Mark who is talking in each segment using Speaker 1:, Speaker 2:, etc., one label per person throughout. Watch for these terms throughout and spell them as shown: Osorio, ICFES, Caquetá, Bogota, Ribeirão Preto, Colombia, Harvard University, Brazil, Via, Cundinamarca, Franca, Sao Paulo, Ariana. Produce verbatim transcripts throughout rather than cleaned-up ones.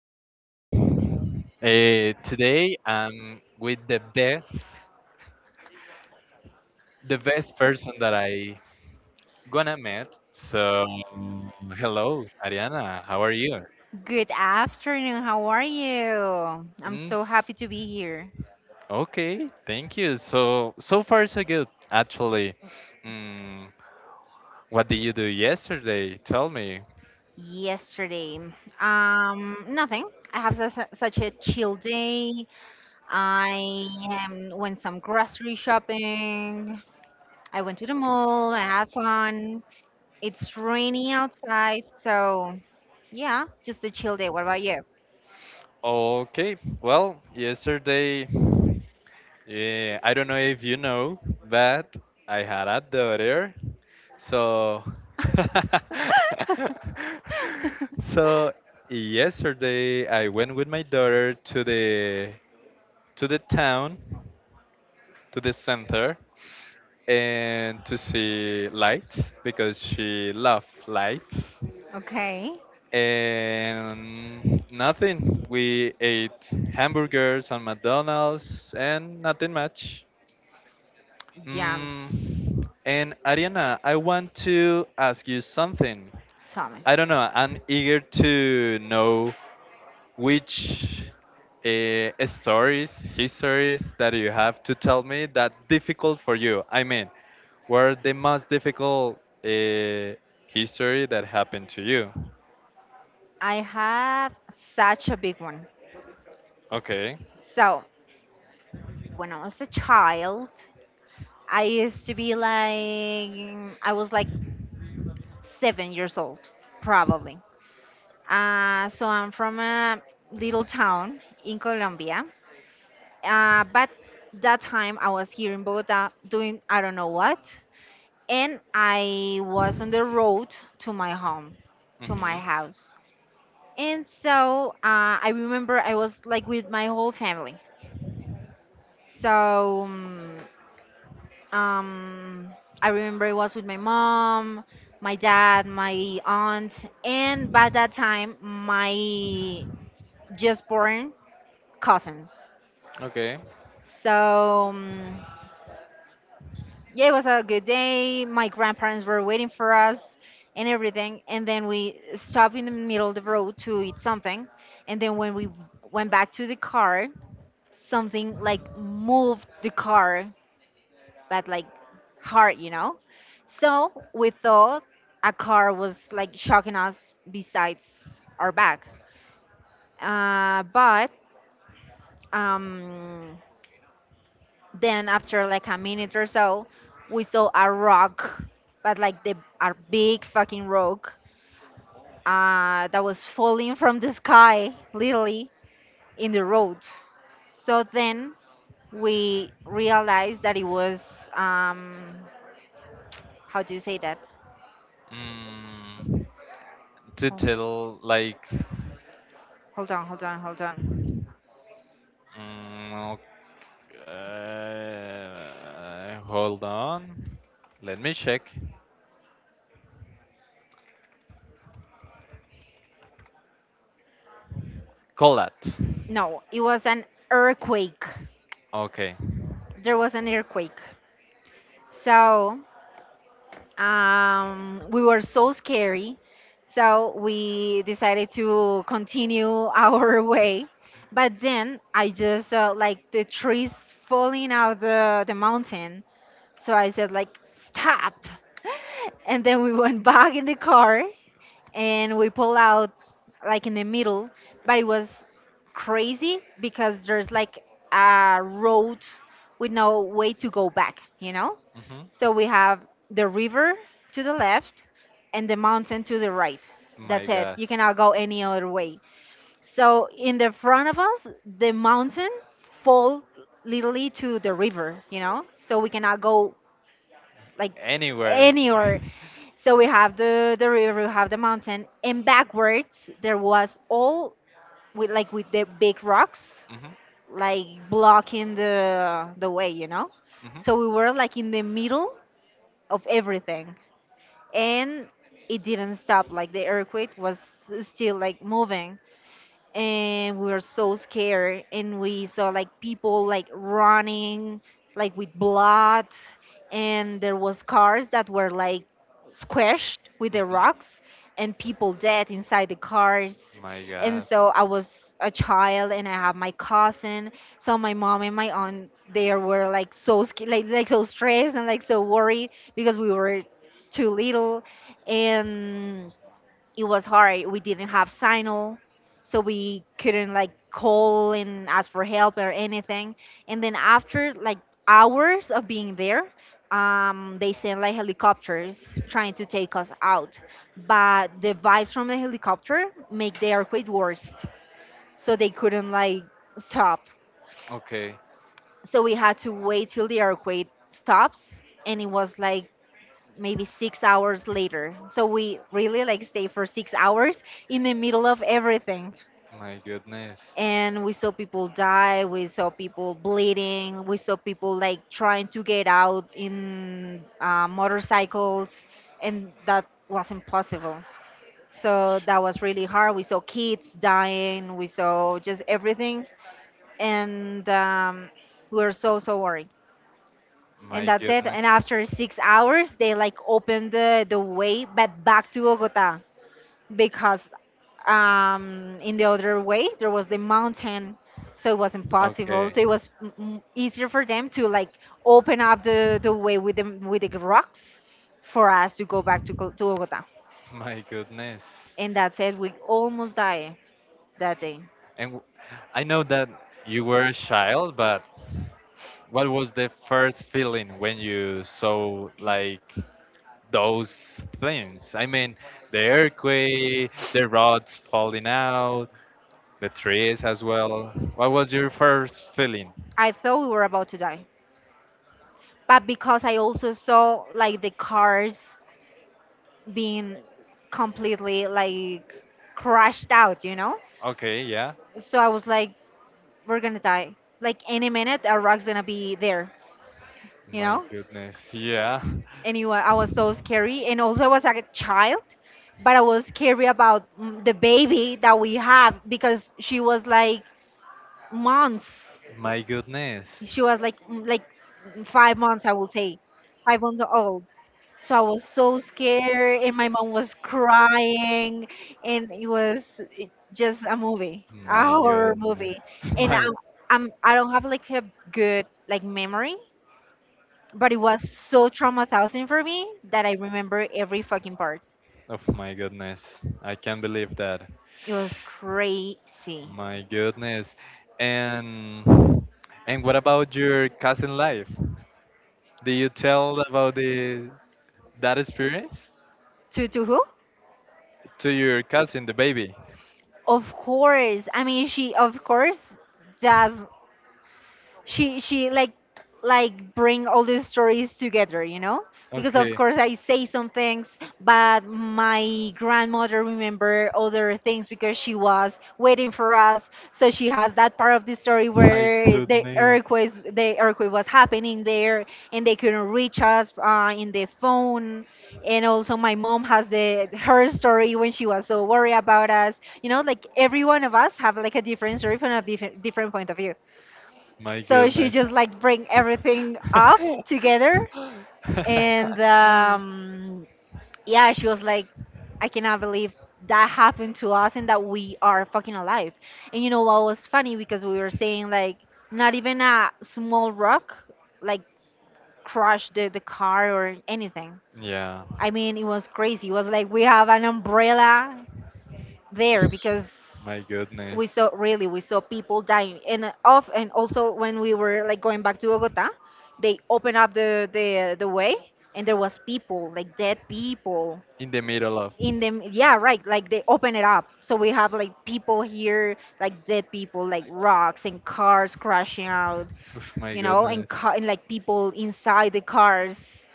Speaker 1: Hello. Uh, today I'm with the best, the best person that I gonna met. So hello, Ariana. How are you?
Speaker 2: Good afternoon. How are you? I'm
Speaker 1: Mm,
Speaker 2: so happy to be here.
Speaker 1: okay, thank you. So so far so good. Actually, mm, what did you do yesterday? Tell me.
Speaker 2: Yesterday, um, nothing. I have su- su- such a chill day. I um, went some grocery shopping. I went to the mall. I had fun. It's rainy outside, so yeah, just a chill day. What about you?
Speaker 1: Okay. Well, yesterday, eh, I don't know if you know, but I had a daughter. So, so yesterday I went with my daughter to the to the town to the center and to see lights because she loves lights
Speaker 2: Okay,
Speaker 1: and nothing. We ate hamburgers on McDonald's and nothing much.
Speaker 2: jams.
Speaker 1: Mm. And Ariana, I want to ask you something.
Speaker 2: Tell me.
Speaker 1: I don't know. I'm eager to know which uh, stories, histories that you have to tell me that difficult for you. I mean, were the most difficult uh, history that happened to you?
Speaker 2: I have such a big one.
Speaker 1: Okay.
Speaker 2: So when I was a child, I used to be like, I was like seven years old, probably. Uh, so I'm from a little town in Colombia. Uh, but that time I was here in Bogota doing I don't know what. And I was on the road to my home, to
Speaker 1: Hmm.
Speaker 2: my house. And so uh, I remember I was like with my whole family. So um, Um, I remember it was with my mom, my dad, my aunt, and by that time, my just born cousin.
Speaker 1: Okay.
Speaker 2: So, um, yeah, it was a good day. My grandparents were waiting for us and everything. And then we stopped in the middle of the road to eat something. And then when we went back to the car, something like moved the car but like hard, you know? So we thought a car was like shocking us besides our back. Uh, but um, then after like a minute or so, we saw a rock, but like the a big fucking rock uh, that was falling from the sky, literally in the road. So then we realized that it was um, how do you say that?
Speaker 1: Mm, to
Speaker 2: Oh.
Speaker 1: tell like,
Speaker 2: Hold on, hold on, hold on.
Speaker 1: mm, ok- uh, hold on. Let me check. Call that.
Speaker 2: No, it was an earthquake.
Speaker 1: Okay.
Speaker 2: There was an earthquake. So um, we were so scary. So we decided to continue our way. But then I just saw like the trees falling out the, the mountain. So I said like stop. And then we went back in the car and we pull out like in the middle, but it was crazy because there's like a road with no way to go back, you know?
Speaker 1: Hmm.
Speaker 2: So we have the river to the left and the mountain to the right.
Speaker 1: My
Speaker 2: That's it,
Speaker 1: God.
Speaker 2: you cannot go any other way. So in the front of us, the mountain fall literally to the river, you know, so we cannot go like
Speaker 1: Anywhere.
Speaker 2: anywhere. So we have the the river, we have the mountain, and backwards there was all with like with the big rocks
Speaker 1: Mhm.
Speaker 2: like blocking the the way, you know.
Speaker 1: Mhm.
Speaker 2: So we were like in the middle of everything, and it didn't stop. Like the earthquake was still like moving, and we were so scared and we saw like people like running like with blood, and there was cars that were like squashed with the
Speaker 1: Mhm.
Speaker 2: rocks and people dead inside the cars.
Speaker 1: My
Speaker 2: And
Speaker 1: God.
Speaker 2: so I was a child and I have my cousin, so my mom and my aunt there were like so sca- like, like so stressed and like so worried because we were too little, and it was hard. We didn't have signal, so we couldn't like call and ask for help or anything. And then after like hours of being there, um, they sent like helicopters trying to take us out. But the vibes from the helicopter make the earthquake worse, so they couldn't like stop.
Speaker 1: Like, okay.
Speaker 2: So we had to wait till the earthquake stops, and it was like maybe six hours later. So we really like stay for six hours in the middle of everything.
Speaker 1: My goodness.
Speaker 2: And we saw people die, we saw people bleeding, we saw people like trying to get out in uh, motorcycles, and that was impossible. So that was really hard. We saw kids dying, we saw just everything, and um, we were so, so worried. And
Speaker 1: My
Speaker 2: that's it.
Speaker 1: goodness.
Speaker 2: And after six hours, they like opened the the way but back to Bogota because um, in the other way there was the mountain,
Speaker 1: So
Speaker 2: so it was impossible.
Speaker 1: okay.
Speaker 2: So it was m- m- easier for them to like open up the the way with the with the rocks for us to go back to Co- to Bogota.
Speaker 1: My goodness.
Speaker 2: And that's it. We almost died that day.
Speaker 1: And w- I know that you were a child, but what was the first feeling when you saw like those things. I mean, the earthquake, the rods falling out, the trees as well. What was your first feeling?
Speaker 2: I thought we were about to die, but because I also saw like the cars being completely like crashed out, you know?
Speaker 1: Okay, yeah.
Speaker 2: So I was like, we're gonna die. Like any minute, a rock's gonna be there, you
Speaker 1: My
Speaker 2: know?
Speaker 1: goodness, yeah.
Speaker 2: And I was so scary. And also, I was like a child, but I was scary about mm, the baby that we have because she was like months.
Speaker 1: My goodness.
Speaker 2: She was like mm, like five months, I will say, five months old. So I was so scared, and my mom was crying, and it was it- just a movie, a
Speaker 1: My
Speaker 2: horror
Speaker 1: goodness.
Speaker 2: movie. And
Speaker 1: My
Speaker 2: I'm, I'm I don't have like a good like memory, but it was so traumatizing for me that I remember every fucking part.
Speaker 1: oh my goodness. I can't believe that.
Speaker 2: It was crazy.
Speaker 1: My goodness. And and what about your cousin life? Did you tell about the that experience
Speaker 2: To to who?
Speaker 1: to your cousin, the baby?
Speaker 2: Of course. I mean, she of course does, she she like like bring all the stories together, you know, because of
Speaker 1: Okay.
Speaker 2: course I say some things, but my grandmother remember other things because she was waiting for us. So she has that part of the story
Speaker 1: My
Speaker 2: where the
Speaker 1: goodness.
Speaker 2: earthquake the earthquake was happening there, and they couldn't reach us uh, in the phone. And also my mom has the her story when she was so worried about us, you know, like every one of us have like a different story from a different different point of view.
Speaker 1: My
Speaker 2: So she
Speaker 1: goodness.
Speaker 2: just like bring everything up together, and um, yeah, she was like, I cannot believe that happened to us and that we are fucking alive. And you know what was funny, because we were saying like not even a small rock like crushed the, the car or anything.
Speaker 1: Yeah.
Speaker 2: I mean, it was crazy. It was like we have an umbrella there because
Speaker 1: My goodness.
Speaker 2: we saw really we saw people dying and uh, off. And also when we were like going back to Bogota, they opened up the the the way, and there was people like dead people
Speaker 1: In the middle of.
Speaker 2: in them, yeah, right, like they open it up, so we have like people here like dead people like rocks and cars crashing out,
Speaker 1: Oof, my
Speaker 2: you know, and,
Speaker 1: goodness.
Speaker 2: ca- and like people inside the cars.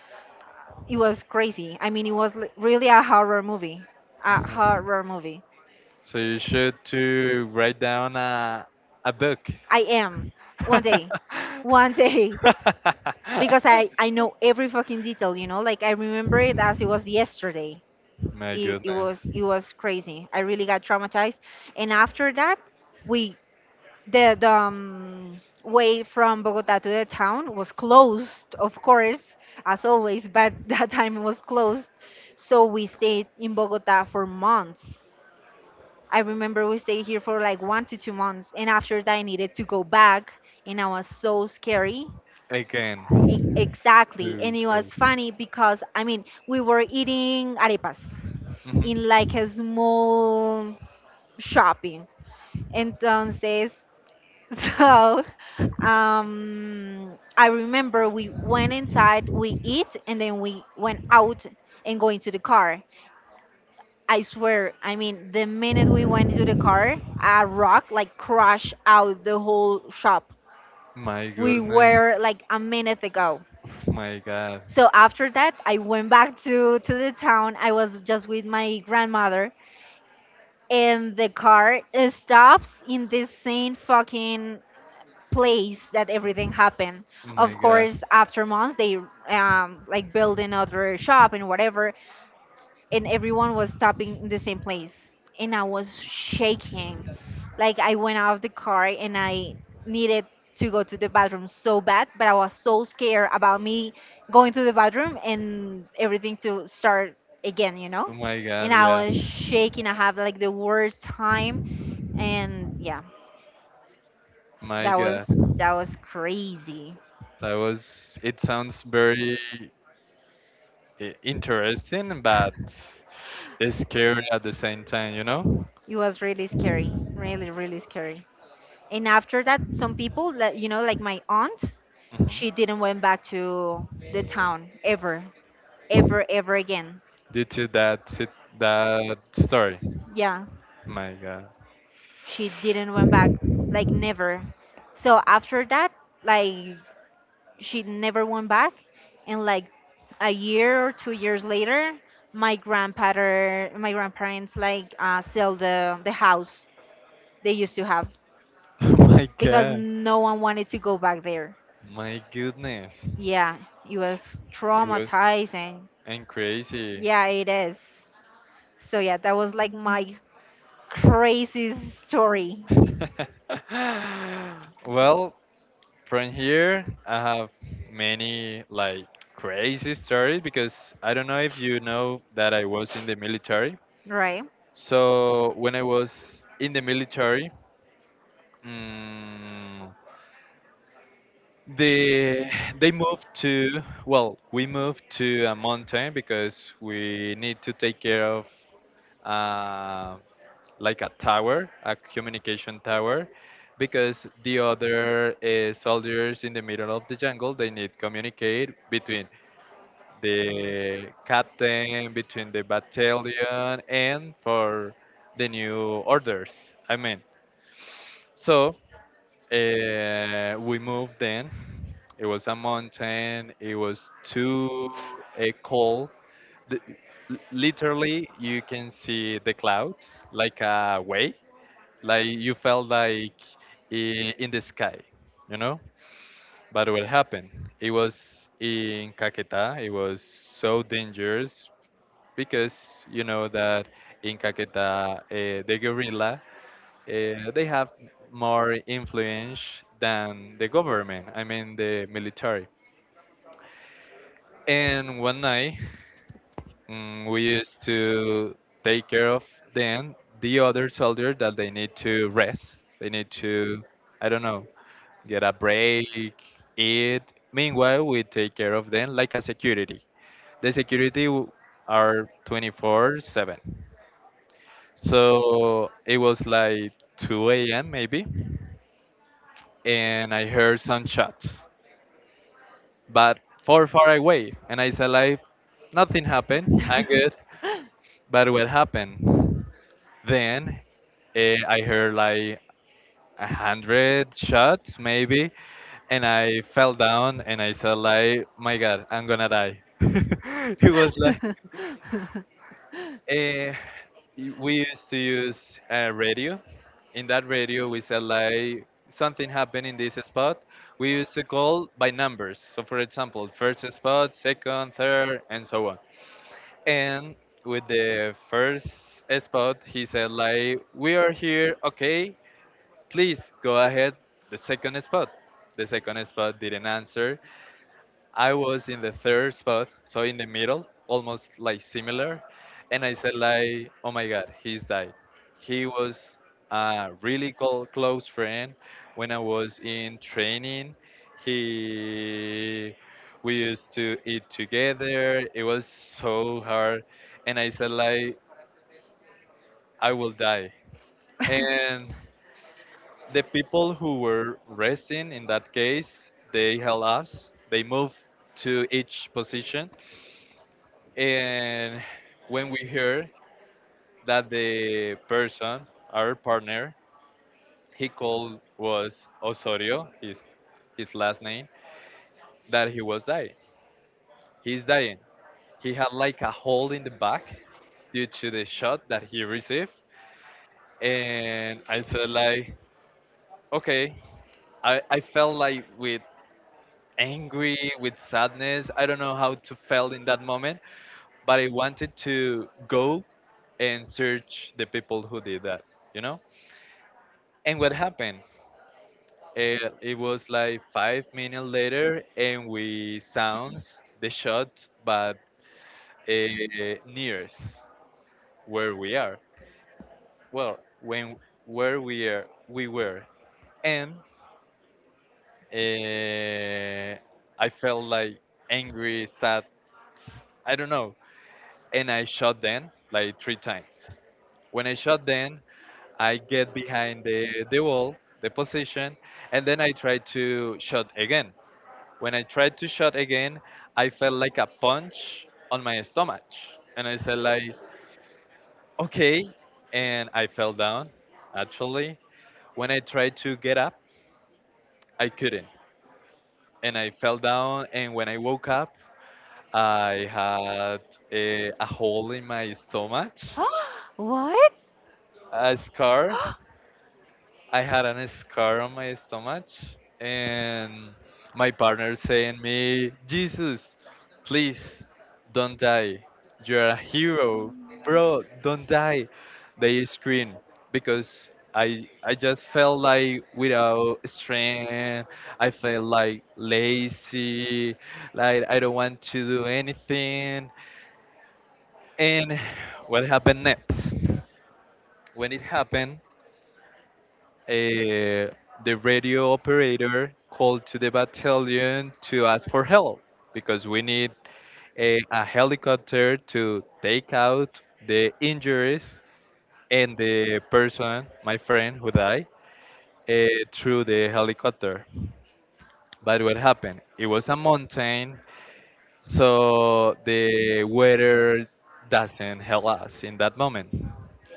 Speaker 2: It was crazy. I mean, it was li- really a horror movie, a
Speaker 1: Mhm.
Speaker 2: horror movie.
Speaker 1: So you should to write down a a book.
Speaker 2: I am one day, one day, because I I know every fucking detail. You know, like I remember it as it was yesterday.
Speaker 1: My
Speaker 2: It, it
Speaker 1: goodness.
Speaker 2: was it was crazy. I really got traumatized, and after that, we the the um, way from Bogota to the town was closed, of course, as always. But that time it was closed, so we stayed in Bogota for months. I remember we stayed here for like one to two months, and after that, I needed to go back, and I was so scary.
Speaker 1: Again.
Speaker 2: E- Exactly, and
Speaker 1: Too
Speaker 2: it
Speaker 1: cool.
Speaker 2: was funny because I mean, we were eating arepas
Speaker 1: Mhm.
Speaker 2: in like a small shopping. Entonces, so um, I remember we went inside, we eat, and then we went out and go into the car. I swear, I mean, the minute we went into the car, a rock like crashed out the whole shop.
Speaker 1: My
Speaker 2: We
Speaker 1: goodness.
Speaker 2: were like a minute ago.
Speaker 1: My God.
Speaker 2: So after that, I went back to to the town. I was just with my grandmother, and the car uh, stops in this same fucking place that everything happened.
Speaker 1: My
Speaker 2: Of
Speaker 1: God.
Speaker 2: course, after months, they um like build another shop and whatever. And everyone was stopping in the same place, and I was shaking. Like I went out of the car and I needed to go to the bathroom so bad, but I was so scared about me going to the bathroom and everything to start again, you
Speaker 1: Oh
Speaker 2: know.
Speaker 1: my God.
Speaker 2: And I
Speaker 1: Yeah.
Speaker 2: was shaking, I have like the worst time. And yeah,
Speaker 1: My
Speaker 2: that was
Speaker 1: God.
Speaker 2: that was crazy.
Speaker 1: That was, it sounds very i- interesting, but scary at the same time, you know?
Speaker 2: It was really scary, really really scary. And after that, some people like you know like my aunt,
Speaker 1: Hmm.
Speaker 2: she didn't went back to the town ever, ever ever again.
Speaker 1: Due to that, sit- that story.
Speaker 2: Yeah,
Speaker 1: My God.
Speaker 2: she didn't went back like never. So after that, like she never went back. And like a year or two years later, my grandfather my grandparents like uh, sell the the house they used to have
Speaker 1: My
Speaker 2: because
Speaker 1: God.
Speaker 2: no one wanted to go back there.
Speaker 1: My goodness.
Speaker 2: Yeah, it was
Speaker 1: It was
Speaker 2: traumatizing.
Speaker 1: and crazy.
Speaker 2: Yeah, it is. So yeah, that was like my crazy story,
Speaker 1: Well, from here, I have many like crazy stories because I don't know if you know that I was in the military.
Speaker 2: right?
Speaker 1: So when I was in the military, mm, the they moved to well, we moved to a mountain because we need to take care of uh, like a tower, a communication tower, because the other uh, soldiers in the middle of the jungle they need communicate between the captain, between the battalion, and for the new orders. I mean. So Uh, we moved then. It was a mountain. It was too uh, cold. The, l- Literally, you can see the clouds like a way. Like you felt like i- in the sky, you know? But what happened? It was in Caquetá. It was so dangerous because you know that in Caquetá, uh, the guerrilla uh, they have more influence than the government, I mean the military. And one night, mm, we used to take care of them, the other soldiers that they need to rest. They need to, I don't know, get a break, eat. Meanwhile, we take care of them like a security. The security w- are twenty four seven. So it was like two a m maybe, and I heard some shots, but far, far away. And I said, like, nothing happened. I'm good. But what happened? Then eh, I heard like a hundred shots, maybe, and I fell down and I said, like, my God, I'm gonna die. it was like, eh, We used to use a radio. In that radio, we said, like, something happened in this spot. We used to call by numbers. So, for example, first spot, second, third, and so on. And with the first spot, he said like, "We are here, okay? Please go ahead." The second spot, the second spot didn't answer. I was in the third spot, so in the middle, almost like similar. And I said like, oh my God, he's died. He was a really col- close friend when I was in training. He, we used to eat together. It was so hard. And I said like, I will die. And the people who were resting in that case, they helped us. They moved to each position, and when we heard that the person, our partner, he called was Osorio, his his last name, that he was dying. He's dying. He had like a hole in the back due to the shot that he received, and I said like, okay, I I felt like with angry with sadness, I don't know how to feel in that moment, but I wanted to go and search the people who did that, you know. And what happened? Uh, it was like five minutes later, and we sounds the shot, but uh, nearest where we are. Well, when where we are, we were, and uh, I felt like angry, sad. I don't know. And I shot them like three times. When I shot them, I get behind the the wall, the position, and then I try to shot again. When I tried to shot again, I felt like a punch on my stomach. And I said like, okay. And I fell down, actually. When I tried to get up, I couldn't. And I fell down. And when I woke up, I had a, a hole in my stomach,
Speaker 2: What?
Speaker 1: a scar. I had a scar on my stomach, and my partner saying me, Jesus, please don't die. You're a hero, bro. Don't die. They scream because I I just felt like without strength. I felt like lazy, like I don't want to do anything. And what happened next? When it happened, uh, the radio operator called to the battalion to ask for help because we need a, a helicopter to take out the injuries and the person, my friend, who died uh, through the helicopter. But what happened? It was a mountain, so the weather doesn't help us in that moment.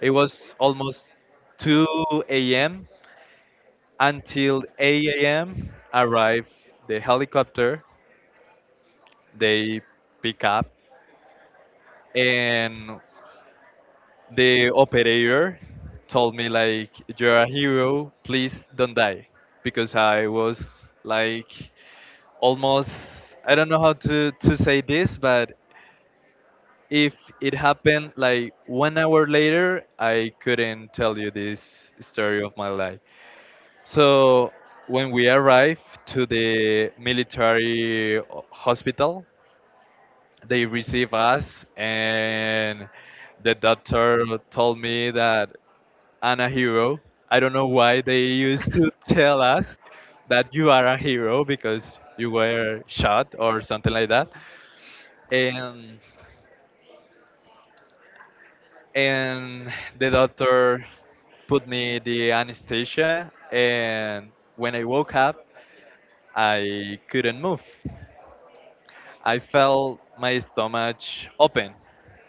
Speaker 1: It was almost two a m until eight a m arrive the helicopter. They pick up, and the operator told me like, "You're a hero. Please don't die," because I was like almost I don't know how to to say this, but if it happened like one hour later, I couldn't tell you this story of my life. So when we arrived to the military hospital, they received us, and the doctor told me that I'm a hero. I don't know why they used to tell us that you are a hero because you were shot or something like that. And and the doctor put me the anesthesia, and when I woke up, I couldn't move. I felt my stomach open,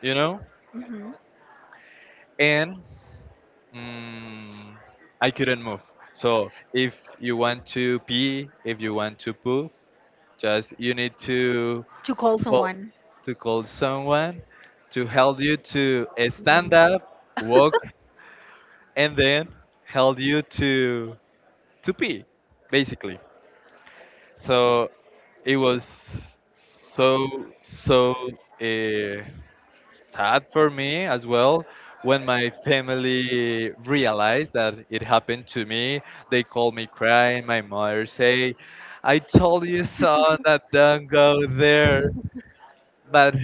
Speaker 1: you know,
Speaker 2: Hmm.
Speaker 1: and mm, I couldn't move. So if you want to pee, if you want to poop, just you need to
Speaker 2: To call
Speaker 1: call
Speaker 2: someone.
Speaker 1: to call someone to help you to stand
Speaker 2: Mm-hmm.
Speaker 1: up, walk, and then help you to to pee, basically. So it was so so. Uh, Sad for me as well when my family realized that it happened to me, they called me crying. My mother say, I told you son that don't go there, but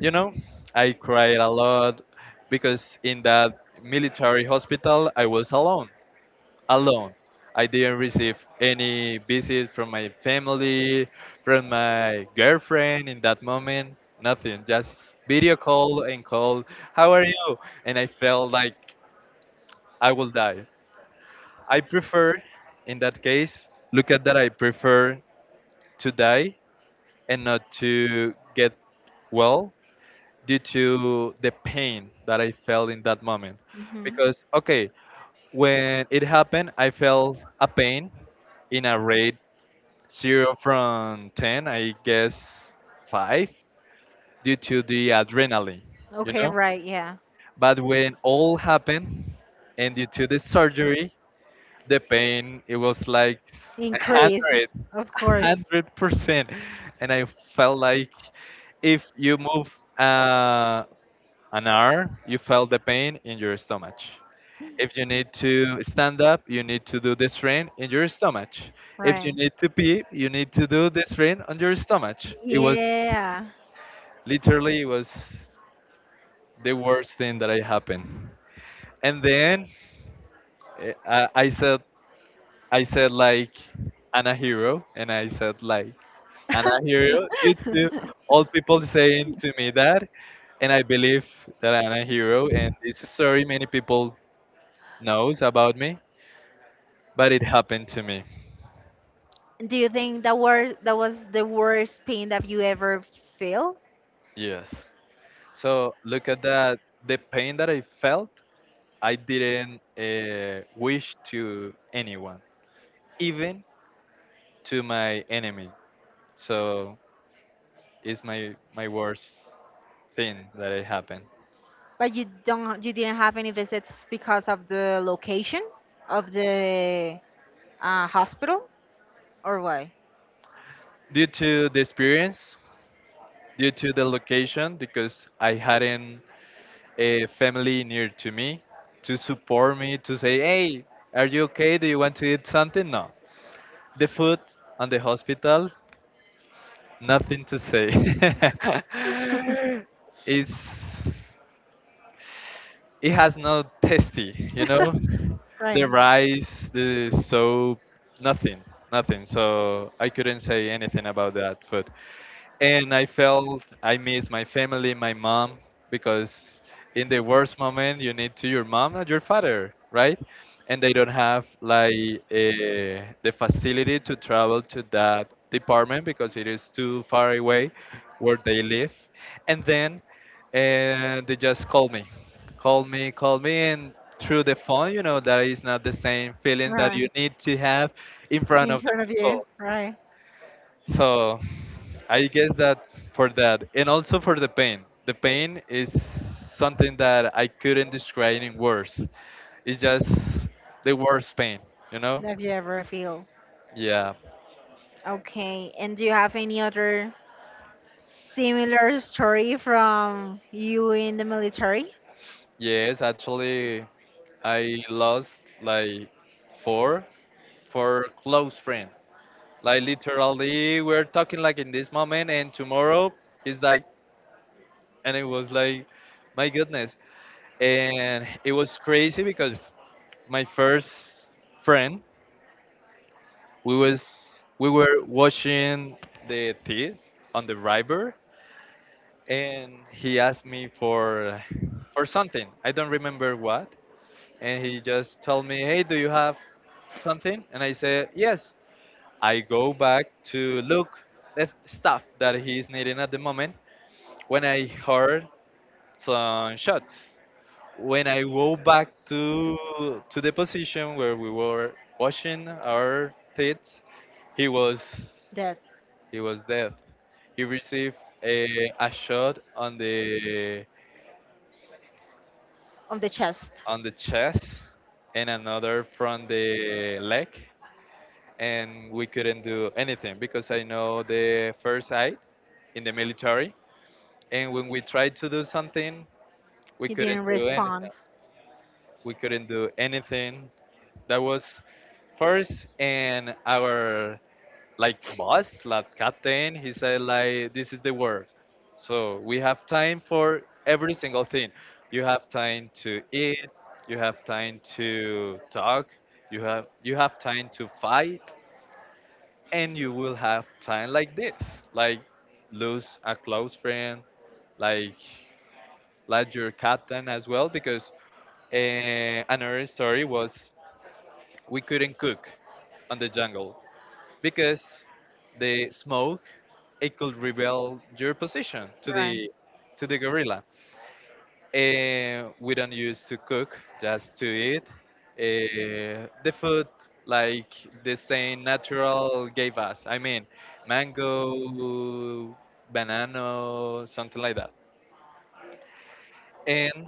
Speaker 1: you know, I cried a lot because in that military hospital I was alone, alone. I didn't receive any visit from my family, from my girlfriend in that moment, nothing. Just video call and call, how are you? And I felt like I will die. I prefer, in that case, look at that, I prefer to die and not to get well due to the pain that I felt in that moment.
Speaker 2: Mm-hmm.
Speaker 1: Because, okay, when it happened, I felt a pain in a rate zero from ten, I guess five, due to the adrenaline, you
Speaker 2: Okay,
Speaker 1: know?
Speaker 2: right, yeah.
Speaker 1: But when all happened, and due to the surgery, the pain, it was like
Speaker 2: Increase,
Speaker 1: one hundred,
Speaker 2: of course.
Speaker 1: one hundred percent. And I felt like if you move uh, an hour, you felt the pain in your stomach. If you need to stand up, you need to do the strain in your stomach. If you
Speaker 2: Right.
Speaker 1: need to pee, you need to do the strain on your stomach. It was
Speaker 2: Yeah.
Speaker 1: Literally, it was the worst thing that I happened. And then eh, I, I said, I said like, I'm a hero, and I said like, I'm a hero due to all people saying to me that, and I believe that I'm a hero. And this story many people knows about me, but it happened to me.
Speaker 2: Do you think that were that was the worst pain that you ever feel?
Speaker 1: Yes. So look at that. The pain that I felt, I didn't uh, wish to anyone, even to my enemy. So it's my my worst thing that it happened.
Speaker 2: But you don't you didn't have any visits because of the location of the uh, hospital or why?
Speaker 1: Due to the experience, due to the location, because I hadn't a family near to me to support me to say, "Hey, are you okay? Do you want to eat something?" No. The food and the hospital, nothing to say. it's it has no tasty, you know, the
Speaker 2: Right.
Speaker 1: rice, the soap, nothing, nothing. So I couldn't say anything about that food, and I felt I miss my family, my mom, because in the worst moment you need to your mom and your father, right? And they don't have like uh, the facility to travel to that department because it is too far away where they live. And then uh, they just call me, call me, call me, and through the phone, you know that is not the same feeling that you
Speaker 2: Right.
Speaker 1: need to have in front
Speaker 2: In
Speaker 1: of the
Speaker 2: front of you.
Speaker 1: people.
Speaker 2: Right.
Speaker 1: So I guess that, for that, and also for the pain. The pain is something that I couldn't describe in words. It's just the worst pain, you know?
Speaker 2: Have you ever feel?
Speaker 1: Yeah.
Speaker 2: Okay. And do you have any other similar story from you in the military?
Speaker 1: Yes, actually, I lost like four, four close friends. Like literally, we're talking like in this moment, and tomorrow is like, and it was like, my goodness, and it was crazy because my first friend, we was we were washing the teeth on the river, and he asked me for for something, I don't remember what. And he just told me, hey, do you have something? And I said yes. I go back to look the stuff that he's needing at the moment when I heard some shots. When I go back to to the position where we were washing our teeth, he was
Speaker 2: That
Speaker 1: he was dead. He received a, a shot on the
Speaker 2: of the chest.
Speaker 1: on the chest and another from the leg, and we couldn't do anything because I know the first aid in the military. And when we tried to do something, we
Speaker 2: He
Speaker 1: couldn't
Speaker 2: didn't
Speaker 1: do anything.
Speaker 2: respond.
Speaker 1: We couldn't do anything. That was first, and our like boss, like captain, he said like, this is the work. So we have time for every single thing. You have time to eat. You have time to talk. You have you have time to fight, and you will have time like this, like lose a close friend, like like your captain as well. Because uh, another story was we couldn't cook on the jungle because the smoke, it could reveal your position to
Speaker 2: Right.
Speaker 1: the to the gorilla. And we don't use to cook, just to eat. Uh, the food like the same natural gave us. I mean, mango, banana, something like that. And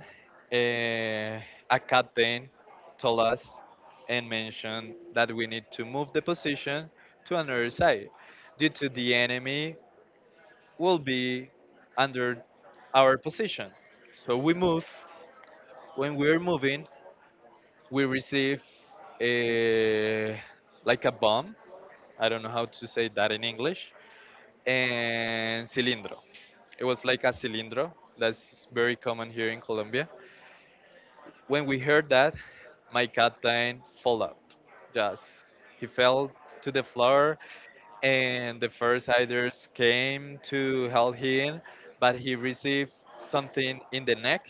Speaker 1: uh, a captain told us and mentioned that we need to move the position to another side due to the enemy will be under our position. So we move. When we're moving, we receive a like a bomb, I don't know how to say that in English, and cilindro. It was like a cilindro. That's very common here in Colombia. When we heard that, my captain fell out. Just he fell to the floor, and the first aiders came to help him, but he received something in the neck.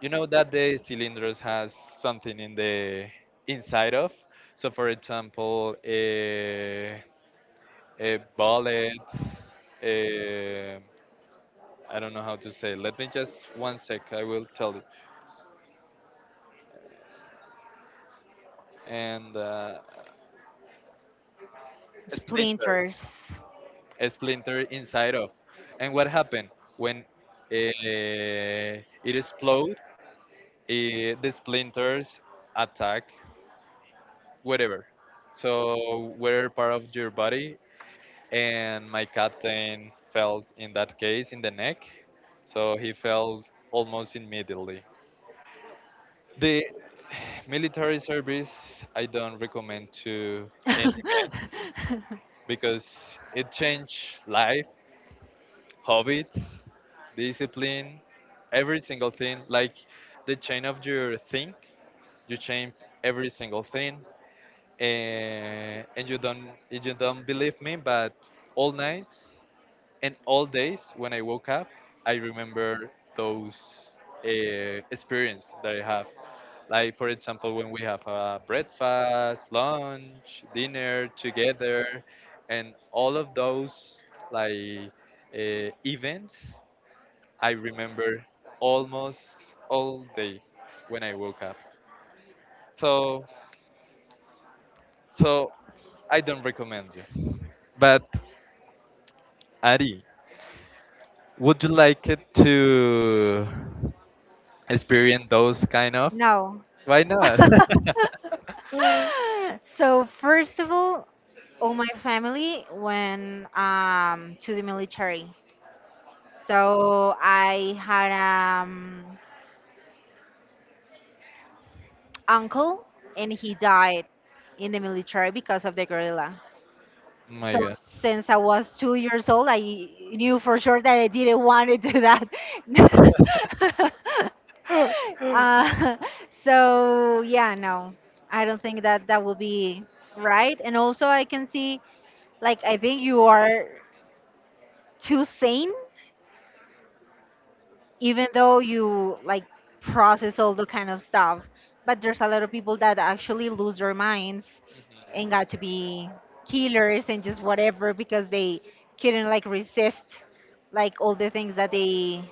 Speaker 1: You know that the cylinders has something in the inside of. So, for example, a a bullet. A, I don't know how to say. Let me just one sec. I will tell you. And uh, splinters.
Speaker 2: Splinters.
Speaker 1: A splinter inside of. And what happened when eh, it explode? Eh, the splinters attack whatever, so whatever part of your body. And my captain fell, in that case, in the neck, so he fell almost immediately. The military service I don't recommend to any, because it changed life habits, discipline, every single thing. Like the chain of your think, you change every single thing. And, and you don't you don't believe me, but all night and all days when I woke up, I remember those uh, experience that I have. Like for example, when we have a breakfast, lunch, dinner together, and all of those like uh, events, I remember almost all day when I woke up. So, so I don't recommend you. But Ari, would you like it to? Experience those kind of
Speaker 2: No.
Speaker 1: why not?
Speaker 2: So first of all, all my family went um, to the military. So I had um uncle and he died in the military because of the gorilla.
Speaker 1: My
Speaker 2: So
Speaker 1: god.
Speaker 2: since I was two years old, I knew for sure that I didn't want to do that. Uh, so yeah, no, I don't think that that will be right. And also, I can see like I think you are too sane, even though you like process all the kind of stuff. But there's a lot of people that actually lose their minds
Speaker 1: Mhm.
Speaker 2: and got to be killers and just whatever because they couldn't like resist like all the things that they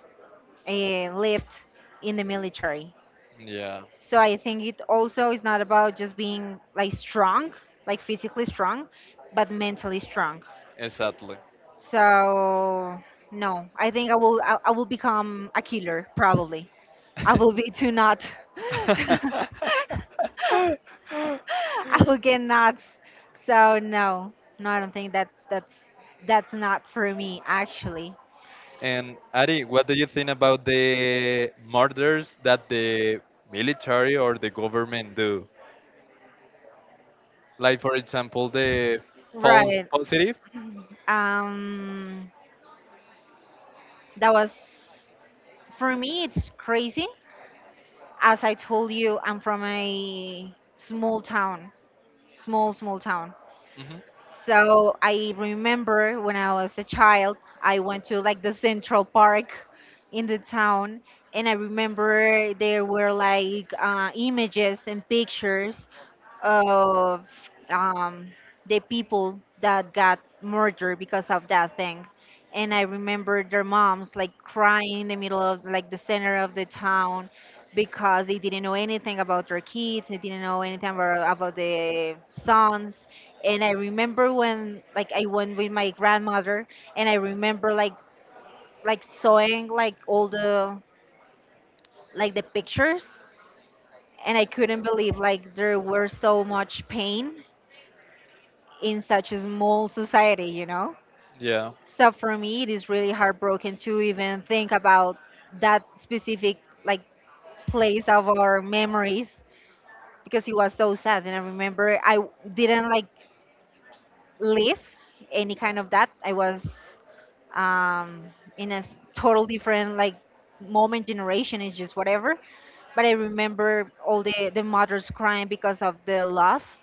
Speaker 2: uh, lived in the military.
Speaker 1: Yeah.
Speaker 2: So I think it also is not about just being like strong, like physically strong, but mentally strong.
Speaker 1: Exactly.
Speaker 2: So no, I think I will I, I will become a killer probably. I will be too not. I will get nuts. So no, no, I don't think that that's that's not for me actually.
Speaker 1: And Ari, what do you think about the murders that the military or the government do? Like, for example, the false
Speaker 2: Right.
Speaker 1: positive?
Speaker 2: Um, that was for me. It's crazy. As I told you, I'm from a small town, small small town.
Speaker 1: Hmm.
Speaker 2: So I remember when I was a child, I went to like the Central Park in the town, and I remember there were like uh, images and pictures of um, the people that got murdered because of that thing. And I remember their moms like crying in the middle of like the center of the town because they didn't know anything about their kids, they didn't know anything about, about the sons. And I remember when like I went with my grandmother and I remember like like sewing like all the like the pictures, and I couldn't believe like there were so much pain in such a small society, you know?
Speaker 1: Yeah,
Speaker 2: So for me, it is really heartbroken to even think about that specific like place of our memories because it was so sad. And I remember I w- didn't like live any kind of that. I was um, in a s- total different like moment generation is just whatever, but I remember all the the mothers crying because of the loss,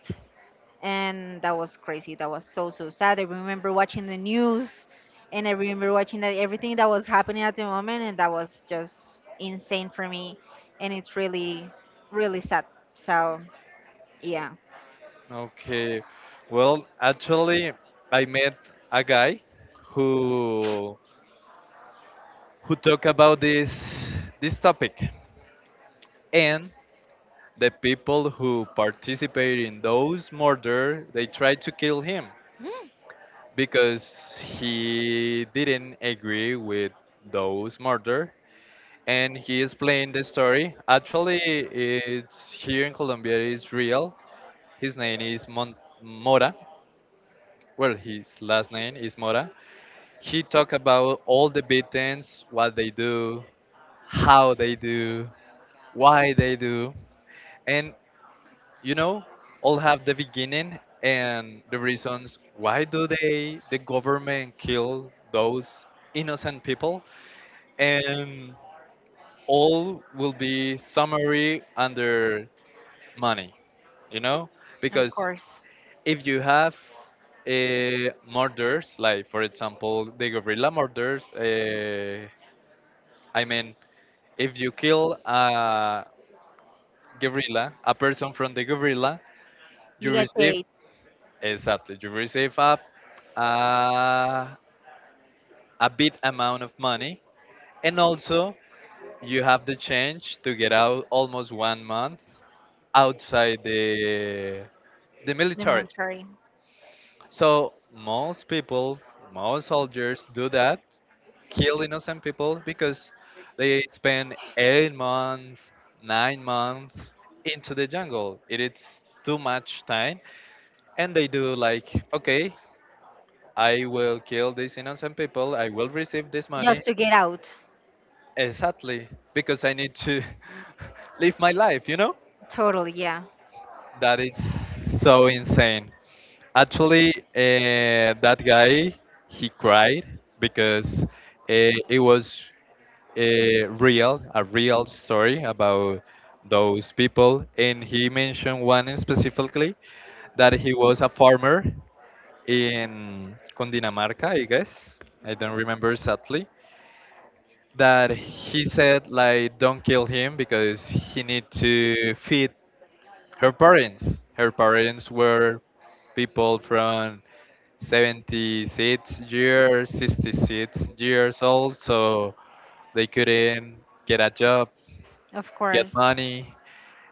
Speaker 2: and that was crazy. That was so so sad. I remember watching the news, and I remember watching that everything that was happening at the moment, and that was just insane for me, and it's really, really sad. So yeah.
Speaker 1: okay. Well, actually, I met a guy who who talk about this this topic. And the people who participate in those murder, they tried to kill him
Speaker 2: Mm,
Speaker 1: because he didn't agree with those murder. And he explained the story. Actually, it's here in Colombia, it's real. His name is Mon- mora. Well, his last name is Mora. He talked about all the beatings, what they do, how they do, why they do, and, you know, all have the beginning and the reasons why do they the government kill those innocent people. And all will be summary under money, you know,
Speaker 2: of
Speaker 1: because
Speaker 2: course,
Speaker 1: if you have uh, murders, like for example, the guerrilla murders, uh, I mean, if you kill a guerrilla, a person from the guerrilla,
Speaker 2: you
Speaker 1: you
Speaker 2: get
Speaker 1: receive,
Speaker 2: paid
Speaker 1: exactly, you receive a, a, a big amount of money. And also, you have the chance to get out almost one month outside the the
Speaker 2: the
Speaker 1: military.
Speaker 2: military
Speaker 1: So most people, most soldiers do that, kill innocent people because they spend eight months, nine months into the jungle. It is too much time, and they do like, okay, I will kill these innocent people. I will receive this money
Speaker 2: just to get out.
Speaker 1: exactly, because I need to live my life, you know?
Speaker 2: Totally, yeah,
Speaker 1: That is so insane. Actually, uh, that guy, he cried because uh, it was a real, a real story about those people. And he mentioned one specifically that he was a farmer in Cundinamarca, I guess. I don't remember exactly. That he said like, don't kill him because he need to feed her parents. Her parents were people from seventy-six years, sixty-six years old, so they couldn't get a job,
Speaker 2: of
Speaker 1: get
Speaker 2: course,
Speaker 1: money.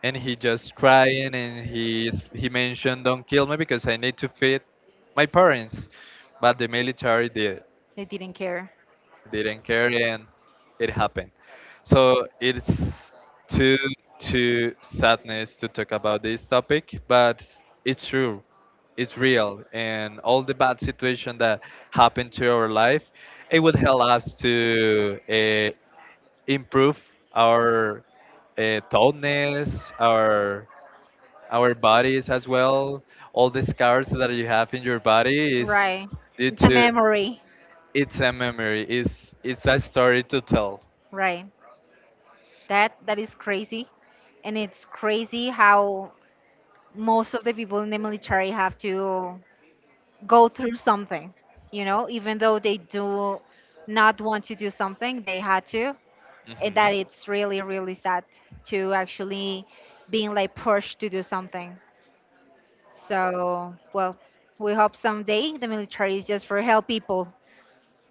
Speaker 1: And he just crying, and he s- he mentioned, don't kill me because I need to feed my parents, but the military did.
Speaker 2: they didn't care.
Speaker 1: Didn't care, and it happened. So it's too too sadness to talk about this topic, but it's true, it's real. And all the bad situation that happened to our life, it would help us to uh, improve our uh, toughness, our our bodies as well. All the scars that you have in your body is
Speaker 2: Right,
Speaker 1: due
Speaker 2: it's a
Speaker 1: to,
Speaker 2: memory.
Speaker 1: it's a memory. It's it's a story to tell.
Speaker 2: Right. That that is crazy, and it's crazy how most of the people in the military have to go through something. You know, even though they do not want to do something, they had to, and
Speaker 1: Mhm.
Speaker 2: that it's really really sad to actually being like pushed to do something. So well, we hope someday the military is just for help people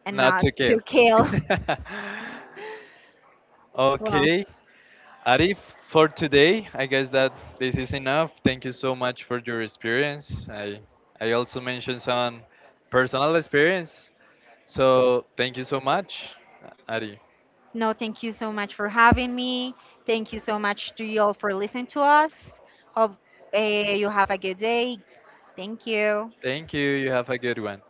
Speaker 2: and
Speaker 1: Not
Speaker 2: not
Speaker 1: to
Speaker 2: to
Speaker 1: kill.
Speaker 2: kill. Well.
Speaker 1: Okay, Arif, for today, I guess that this is enough. Thank you so much for your experience. I I also mentioned some personal experience. So thank you so much, Ari.
Speaker 2: No, thank you so much for having me. Thank you so much to you all for listening to us. Hope uh, you have a good day. Thank you.
Speaker 1: Thank you. You have a good one.